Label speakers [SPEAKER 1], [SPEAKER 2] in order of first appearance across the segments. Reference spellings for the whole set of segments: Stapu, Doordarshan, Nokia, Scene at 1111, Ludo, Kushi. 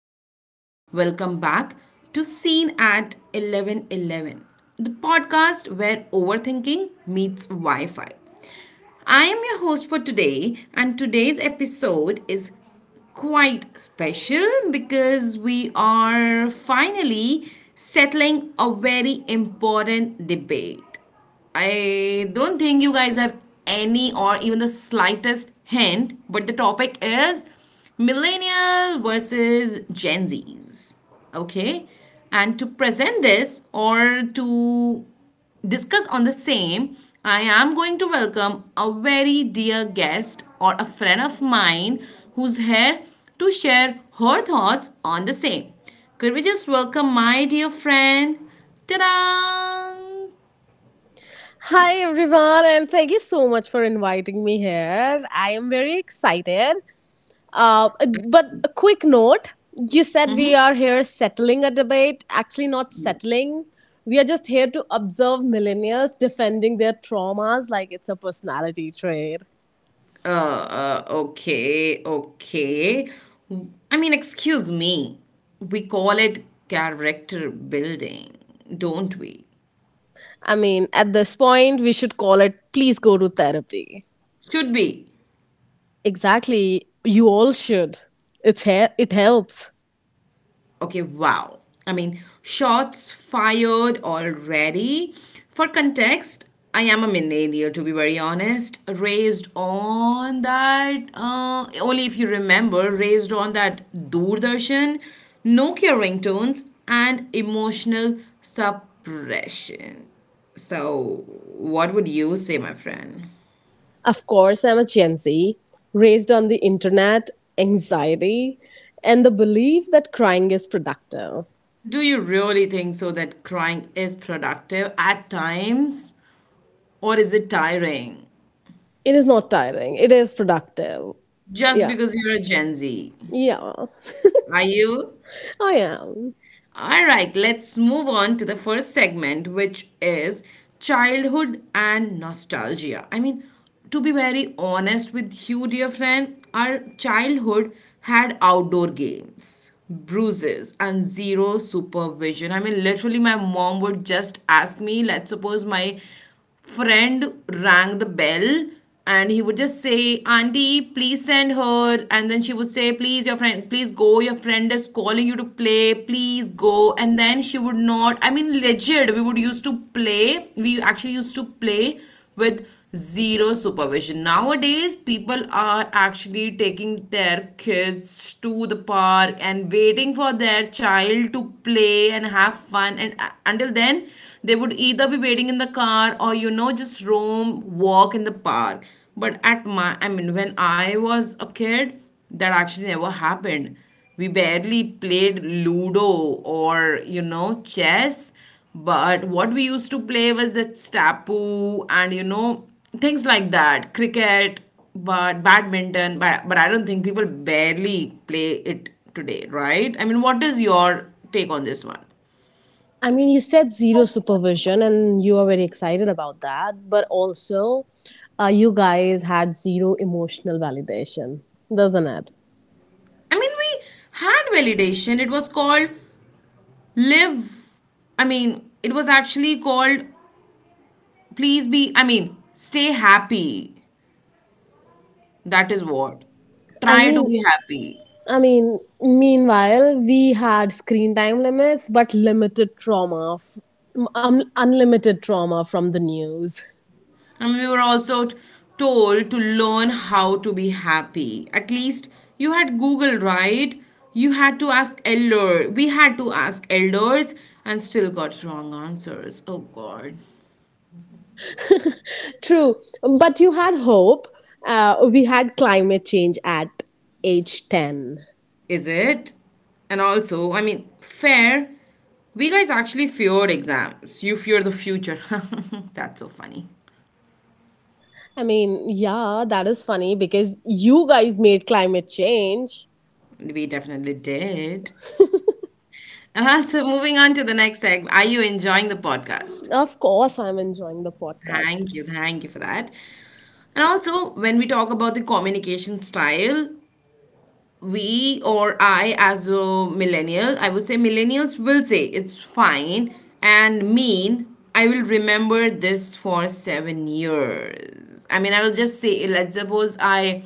[SPEAKER 1] everyone. Welcome back to Scene at 1111, the podcast where overthinking meets Wi Fi. I am your host for today, and today's episode is quite special because we are finally settling a very important debate. I don't think you guys have any or even the slightest hint, but the topic is millennial versus Gen Zs. Okay? And to present this or to discuss on the same, I am going to welcome a very dear guest or a friend of mine who's here to share her thoughts on the same. Could we just welcome my dear friend? Ta-da!
[SPEAKER 2] Hi everyone, and thank you so much for inviting me here. I am very excited. Uh, but a quick note, you said we are here settling a debate. Actually, not settling. We are just here to observe millennials defending their traumas like it's a personality trait.
[SPEAKER 1] Okay, okay. I mean, excuse me. We call it character building, don't we?
[SPEAKER 2] I mean, at this point, we should call it please go to therapy.
[SPEAKER 1] Should be.
[SPEAKER 2] Exactly. You all should. It's here, it helps.
[SPEAKER 1] Okay, wow. I mean, shots fired already. For context, I am a millennial, to be very honest. Raised on that, only if you remember, raised on that Doordarshan, Nokia ringtones, and emotional suppression. So, what would you say, my friend?
[SPEAKER 2] Of course, I'm a Gen Z, raised on the internet, anxiety, and the belief that crying is productive.
[SPEAKER 1] Do you really think so that crying is productive at times, or is it tiring?
[SPEAKER 2] It is not tiring, it is productive.
[SPEAKER 1] Just
[SPEAKER 2] Yeah,
[SPEAKER 1] because you're a Gen Z.
[SPEAKER 2] yeah,
[SPEAKER 1] Are you?
[SPEAKER 2] I am.
[SPEAKER 1] All right, let's move on to the first segment, which is childhood and nostalgia. I mean, to be very honest with you, dear friend, our childhood had outdoor games, bruises, and zero supervision. I mean, literally, my mom would just ask me, let's suppose my friend rang the bell and he would just say, Auntie, please send her. And then she would say, Please, your friend, please go. Your friend is calling you to play. Please go. And then she would not. I mean, legit, we would used to play. We actually used to play with zero supervision. Nowadays, people are actually taking their kids to the park and waiting for their child to play and have fun. And until then, they would either be waiting in the car or, you know, just roam, walk in the park. But I mean, when I was a kid, that actually never happened. We barely played Ludo or, you know, chess. But what we used to play was that Stapu and, you know, things like that, cricket, but badminton. But I don't think people barely play it today, right? I mean, what is your take on this one?
[SPEAKER 2] I mean, you said zero supervision and you are very excited about that, but also you guys had zero emotional validation, doesn't it?
[SPEAKER 1] I mean, we had validation. It was called live. I mean, it was actually called please be, I mean, stay happy. That is what.
[SPEAKER 2] I
[SPEAKER 1] Try to
[SPEAKER 2] mean,
[SPEAKER 1] be happy.
[SPEAKER 2] I mean, meanwhile, we had screen time limits, but limited trauma, unlimited trauma from the news.
[SPEAKER 1] And we were also told to learn how to be happy. At least you had Google, right? You had to ask elder. We had to ask elders and still got wrong answers. Oh God.
[SPEAKER 2] True, but you had hope. We had climate change at age 10.
[SPEAKER 1] Is it? And also, I mean, fair. We guys actually feared exams. You fear the future. That's so funny.
[SPEAKER 2] I mean, yeah, that is funny because you guys made climate change.
[SPEAKER 1] We definitely did. And also, moving on to the next segment. Are you enjoying the podcast?
[SPEAKER 2] Of course, I'm enjoying the
[SPEAKER 1] Thank
[SPEAKER 2] podcast.
[SPEAKER 1] you. Thank you for that. And also, when we talk about the communication style, we or I, as a millennial, I would say millennials will say it's fine and mean. I will remember this for 7 years. I mean, I will just say, let's suppose I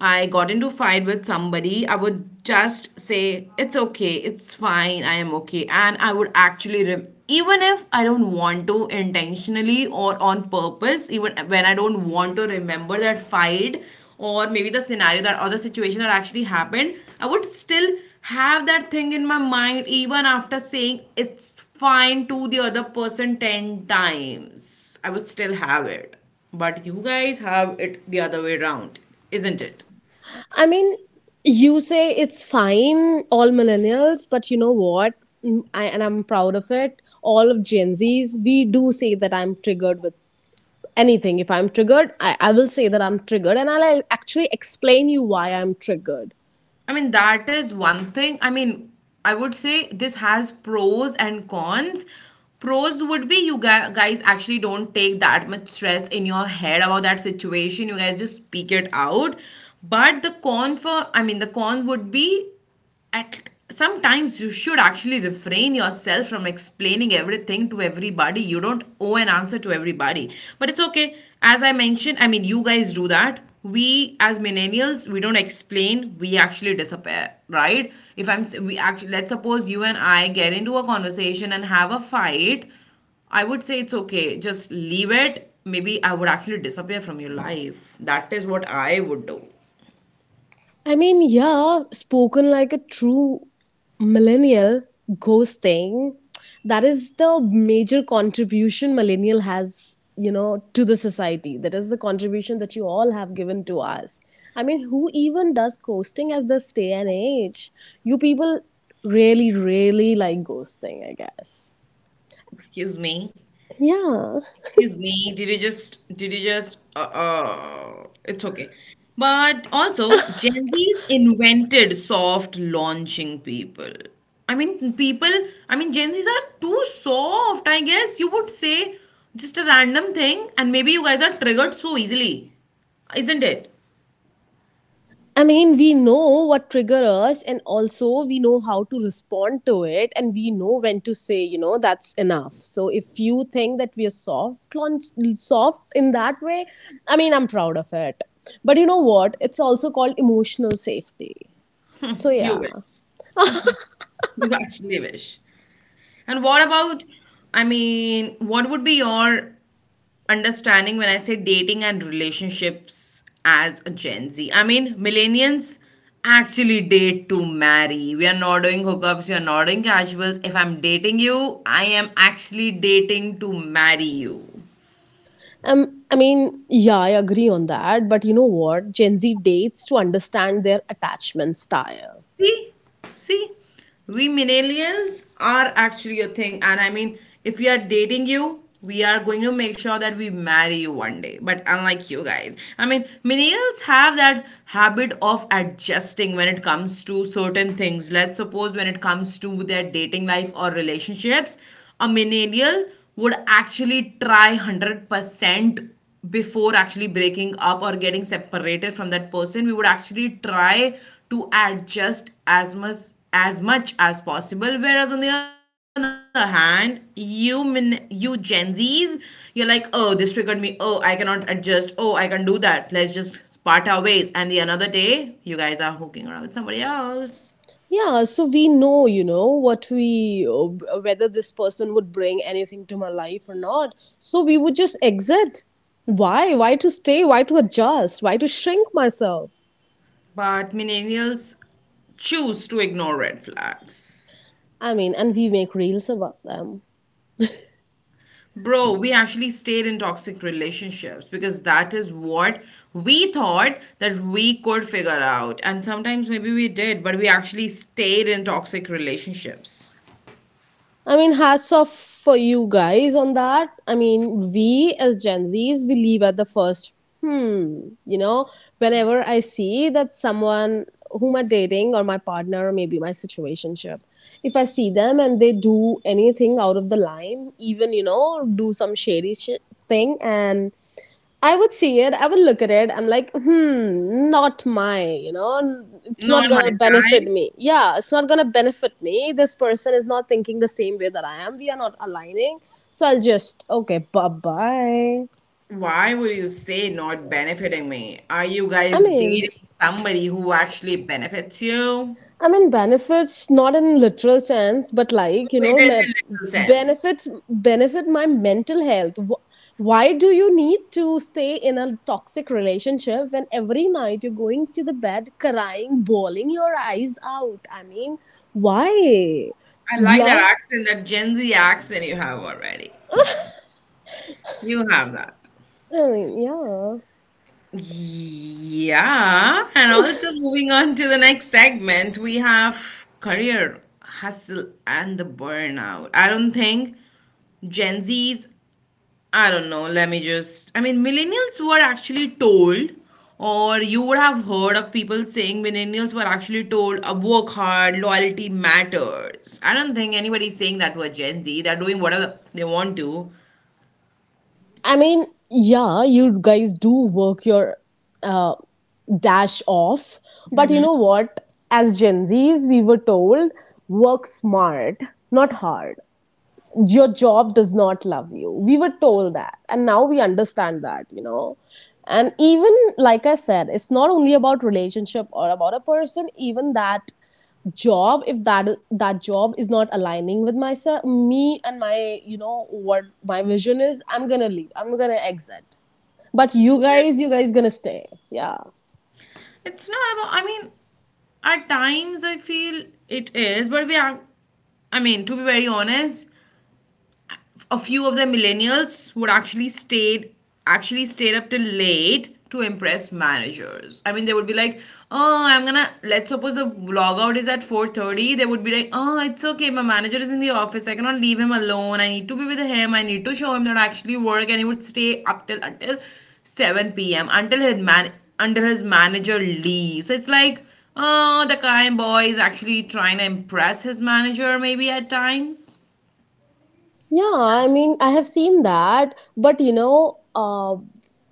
[SPEAKER 1] I got into fight with somebody, I would just say it's okay, it's fine, I am okay, and I would actually even if I don't want to intentionally or on purpose, even when I don't want to remember that fight or maybe the scenario that or the situation that actually happened, I would still have that thing in my mind even after saying it's fine to the other person 10 times. I would still have it. But you guys have it the other way around, isn't it?
[SPEAKER 2] I mean, you say it's fine, all millennials, but you know what? Mm, and I'm proud of it. All of Gen Zs, we do say that I'm triggered with anything. If I'm triggered, I will say that I'm triggered and I'll actually explain you why I'm triggered.
[SPEAKER 1] I mean, that is one thing. I mean, I would say this has pros and cons. Pros would be you guys actually don't take that much stress in your head about that situation. You guys just speak it out. But I mean, the con would be at sometimes you should actually refrain yourself from explaining everything to everybody. You don't owe an answer to everybody, but it's okay. As I mentioned, I mean, you guys do that. We as millennials, we don't explain, we actually disappear, right? if I'm s- We actually, let's suppose you and I get into a conversation and have a fight, I would say it's okay, just leave it. Maybe I would actually disappear from your life. That is what I would do.
[SPEAKER 2] I mean, yeah, spoken like a true millennial, ghosting. That is the major contribution millennial has, you know, to the society. That is the contribution that you all have given to us. I mean, who even does ghosting at this day and age? You people really, really like ghosting, I guess.
[SPEAKER 1] Excuse me.
[SPEAKER 2] Yeah.
[SPEAKER 1] Excuse me, did you just, it's okay. But also, Gen Z's invented soft launching people. I mean, people, I mean, Gen Z's are too soft, I guess you would say, just a random thing, and maybe you guys are triggered so easily, isn't it?
[SPEAKER 2] I mean, we know what trigger us, and also we know how to respond to it, and we know when to say, you know, that's enough. So if you think that we are soft, soft in that way, I mean, I'm proud of it. But you know what? It's also called emotional safety. So
[SPEAKER 1] You
[SPEAKER 2] yeah.
[SPEAKER 1] wish. You actually wish. And what about, I mean, what would be your understanding when I say dating and relationships as a Gen Z. I mean, millennials actually date to marry. We are not doing hookups, we are not doing casuals. If I'm dating you, I am actually dating to marry you.
[SPEAKER 2] I mean, yeah, I agree on that. But you know what? Gen Z dates to understand their attachment style.
[SPEAKER 1] See, see, we millennials are actually a thing. And I mean, if we are dating you, we are going to make sure that we marry you one day. But unlike you guys, I mean, millennials have that habit of adjusting when it comes to certain things. Let's suppose when it comes to their dating life or relationships, a millennial would actually try 100% before actually breaking up or getting separated from that person. We would actually try to adjust as much as possible, whereas on the other hand, you gen z's, you're like, oh, this triggered me, oh, I cannot adjust, oh, I can do that, let's just part our ways, and the another day you guys are hooking around with somebody else.
[SPEAKER 2] Yeah, so we know, you know what, we whether this person would bring anything to my life or not, so we would just exit. Why to stay, why to adjust, why to shrink myself?
[SPEAKER 1] But millennials choose to ignore red flags.
[SPEAKER 2] I mean, and we make reels about them.
[SPEAKER 1] Bro, we actually stayed in toxic relationships because that is what we thought that we could figure out. And sometimes maybe we did, but we actually stayed in toxic relationships.
[SPEAKER 2] I mean, hats off for you guys on that. I mean, we as Gen Zs, we leave at the first, hmm, you know, whenever I see that someone whom I'm dating or my partner or maybe my situationship, if I see them and they do anything out of the line, even, you know, do some shady shit thing and I would see it, I would look at it, I'm like, hmm, not my, you know, it's
[SPEAKER 1] Not
[SPEAKER 2] not
[SPEAKER 1] my
[SPEAKER 2] gonna benefit
[SPEAKER 1] type.
[SPEAKER 2] me. Yeah, it's not gonna benefit me. This person is not thinking the same way that I am. We are not aligning. So I'll just, okay, bye bye.
[SPEAKER 1] Why would you say not benefiting me? Are you
[SPEAKER 2] I
[SPEAKER 1] guys
[SPEAKER 2] mean,
[SPEAKER 1] dating somebody who actually benefits you?
[SPEAKER 2] I mean, benefits not in literal sense, but
[SPEAKER 1] Oh,
[SPEAKER 2] like you
[SPEAKER 1] it
[SPEAKER 2] know,
[SPEAKER 1] doesn't sense.
[SPEAKER 2] benefits benefit my mental health. Why do you need to stay in a toxic relationship when every night you're going to the bed crying, bawling your eyes out? I mean, why?
[SPEAKER 1] I like that
[SPEAKER 2] Love.
[SPEAKER 1] accent, that Gen Z accent you have already. You have that.
[SPEAKER 2] I mean, yeah.
[SPEAKER 1] Yeah, and also moving on to the next segment, we have career hustle and the burnout. I don't think Gen Zs, I don't know, I mean, millennials were actually told, or you would have heard of people saying millennials were actually told, work hard, loyalty matters. I don't think anybody's saying that to a Gen Z. They're doing whatever they want to.
[SPEAKER 2] I mean, yeah, you guys do work your uh, dash off, but you know what? As Gen Zs, we were told work smart, not hard. Your job does not love you. We were told that, and now we understand that, you know. And even like I said, it's not only about relationship or about a person. Even that job, if that job is not aligning with myself, me and my, you know what my vision is, I'm gonna leave, I'm gonna exit. But you guys, you guys gonna stay. Yeah.
[SPEAKER 1] It's not about, I mean, at times I feel it is, but we are, I mean, to be very honest, a few of the millennials would actually stayed up till late to impress managers. I mean, they would be like, "Oh, I'm gonna." Let's suppose the log out is at 4:30. They would be like, "Oh, it's okay. My manager is in the office. I cannot leave him alone. I need to be with him. I need to show him that I actually work." And he would stay up till until 7 p.m. until his manager leaves. It's like, oh, the kind boy is actually trying to impress his manager maybe at times.
[SPEAKER 2] Yeah, I mean, I have seen that, but you know,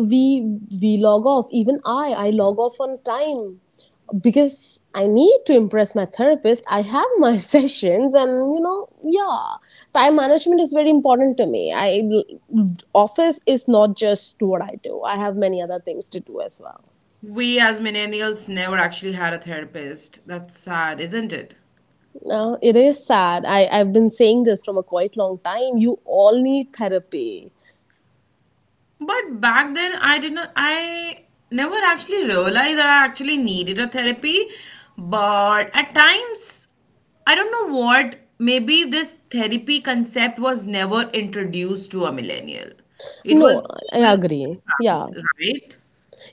[SPEAKER 2] we log off. Even I log off on time because I need to impress my therapist. I have my sessions, and you know, yeah, time management is very important to me. I, office is not just what I do. I have many other things to do as well.
[SPEAKER 1] We as millennials never actually had a therapist. That's sad, isn't it?
[SPEAKER 2] No, it is sad. I, I've been saying this from a quite long time. You all need therapy.
[SPEAKER 1] But back then, I did not, I never actually realized that I actually needed a therapy. But at times, I don't know what, maybe this therapy concept was never introduced to a millennial. It
[SPEAKER 2] No,
[SPEAKER 1] was
[SPEAKER 2] I
[SPEAKER 1] all
[SPEAKER 2] agree. Yeah.
[SPEAKER 1] family, right?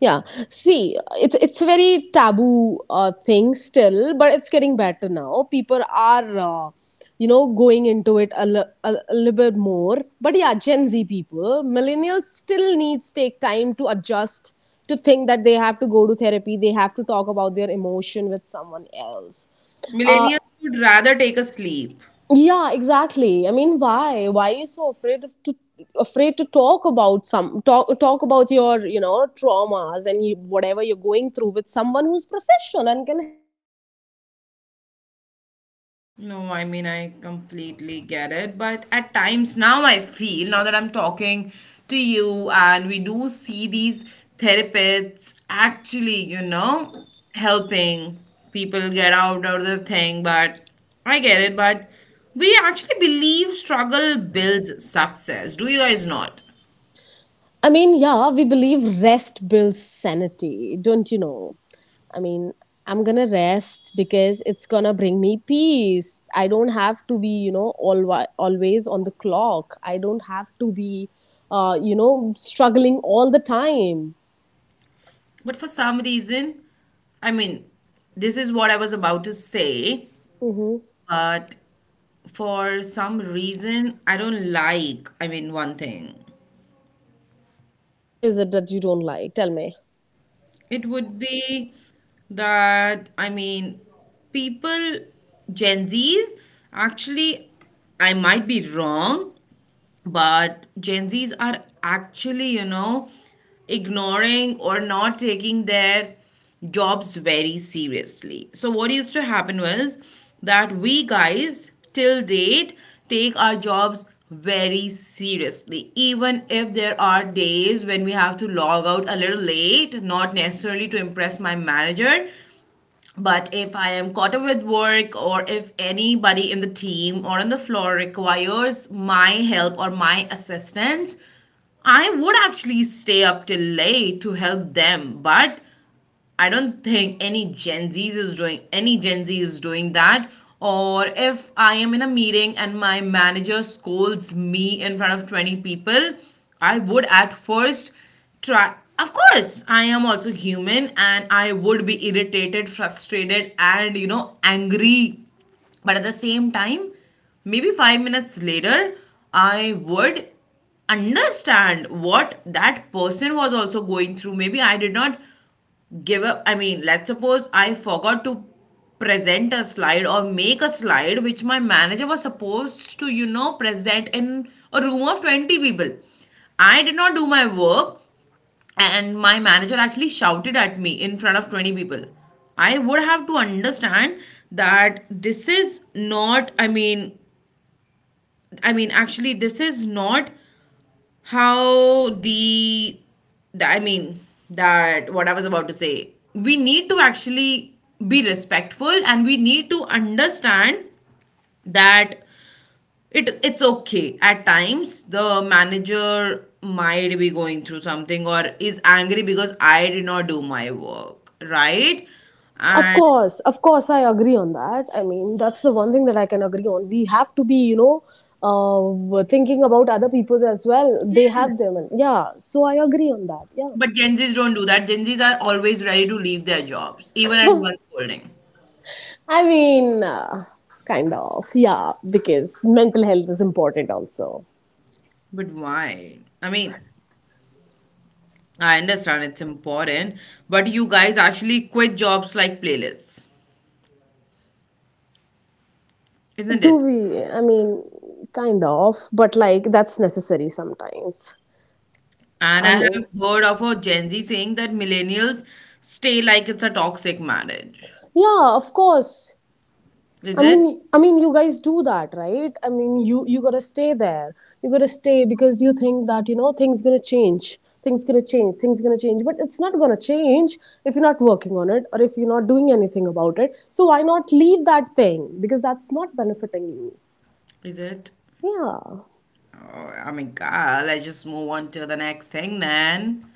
[SPEAKER 2] Yeah, see, it's a very taboo thing still, but it's getting better now. People are, you know, going into it a, a little bit more. But yeah, Gen Z people, millennials still needs take time to adjust to think that they have to go to therapy, they have to talk about their emotion with someone else. Uh,
[SPEAKER 1] Millennials would rather take a sleep.
[SPEAKER 2] yeah, exactly. I mean, why? Why are you so afraid to talk about some talk talk about your, you know, traumas and you, whatever you're going through with someone who's professional and can.
[SPEAKER 1] No, I mean, I completely get it. But at times now, I feel now that I'm talking to you, and we do see these therapists actually, you know, helping people get out of the thing. But I get it. But we actually believe struggle builds success. Do you guys not?
[SPEAKER 3] I mean, yeah, we believe rest builds sanity, don't you know? I mean, I'm gonna rest because it's gonna bring me peace. I don't have to be always on the clock. I don't have to be struggling all the time.
[SPEAKER 1] But for some reason, I mean, this is what I was about to say,
[SPEAKER 3] Hmm.
[SPEAKER 1] but for some reason I don't like, I mean, one thing.
[SPEAKER 3] What is it that you don't like? Tell me.
[SPEAKER 1] It would be that, I mean, people, Gen Zs, actually, I might be wrong, but gen z's are actually, you know, ignoring or not taking their jobs very seriously. So what used to happen was that we guys till date take our jobs very seriously, even if there are days when we have to log out a little late, not necessarily to impress my manager, but if I am caught up with work or if anybody in the team or on the floor requires my help or my assistance, I would actually stay up till late to help them. But I don't think any Gen Z is doing that. Or if I am in a meeting and my manager scolds me in front of 20 people, I would at first try. Of course, I am also human and I would be irritated, frustrated, and you know, angry, but at the same time, maybe 5 minutes later I would understand what that person was also going through. Maybe I did not give up. I mean, let's suppose I forgot to present a slide or make a slide which my manager was supposed to, you know, present in a room of 20 people. I did not do my work, and my manager actually shouted at me in front of 20 people. I would have to understand that this is not I mean I mean actually this is not how the I mean that what I was about to say, we need to actually be respectful and we need to understand that it it's okay, at times the manager might be going through something or is angry because I did not do my work, right? And
[SPEAKER 2] Of course, I agree on that. I mean, that's the one thing that I can agree on. We have to be, you know, thinking about other people as well. They have them, and yeah, so I agree on that. Yeah,
[SPEAKER 1] but gen z's don't do that. Gen z's are always ready to leave their jobs even at one scolding.
[SPEAKER 2] I mean, kind of, yeah, because mental health is important also.
[SPEAKER 1] But why, I mean, I understand it's important, but you guys actually quit jobs like playlists, isn't
[SPEAKER 2] Do
[SPEAKER 1] it?
[SPEAKER 2] we? I mean, kind of, but like that's necessary sometimes.
[SPEAKER 1] And I
[SPEAKER 2] I
[SPEAKER 1] have
[SPEAKER 2] mean,
[SPEAKER 1] heard of a gen z saying that millennials stay like it's a toxic marriage.
[SPEAKER 2] yeah, of course.
[SPEAKER 1] Is
[SPEAKER 2] I
[SPEAKER 1] it?
[SPEAKER 2] mean, I mean, you guys do that, right? I mean, you gotta stay there. You gotta stay because you think that you know things gonna change, things gonna change, things gonna change. But it's not gonna change if you're not working on it or if you're not doing anything about it. So why not leave that thing because that's not benefiting you?
[SPEAKER 1] Is it?
[SPEAKER 2] Yeah.
[SPEAKER 1] Oh, I mean, God, let's just move on to the next thing then.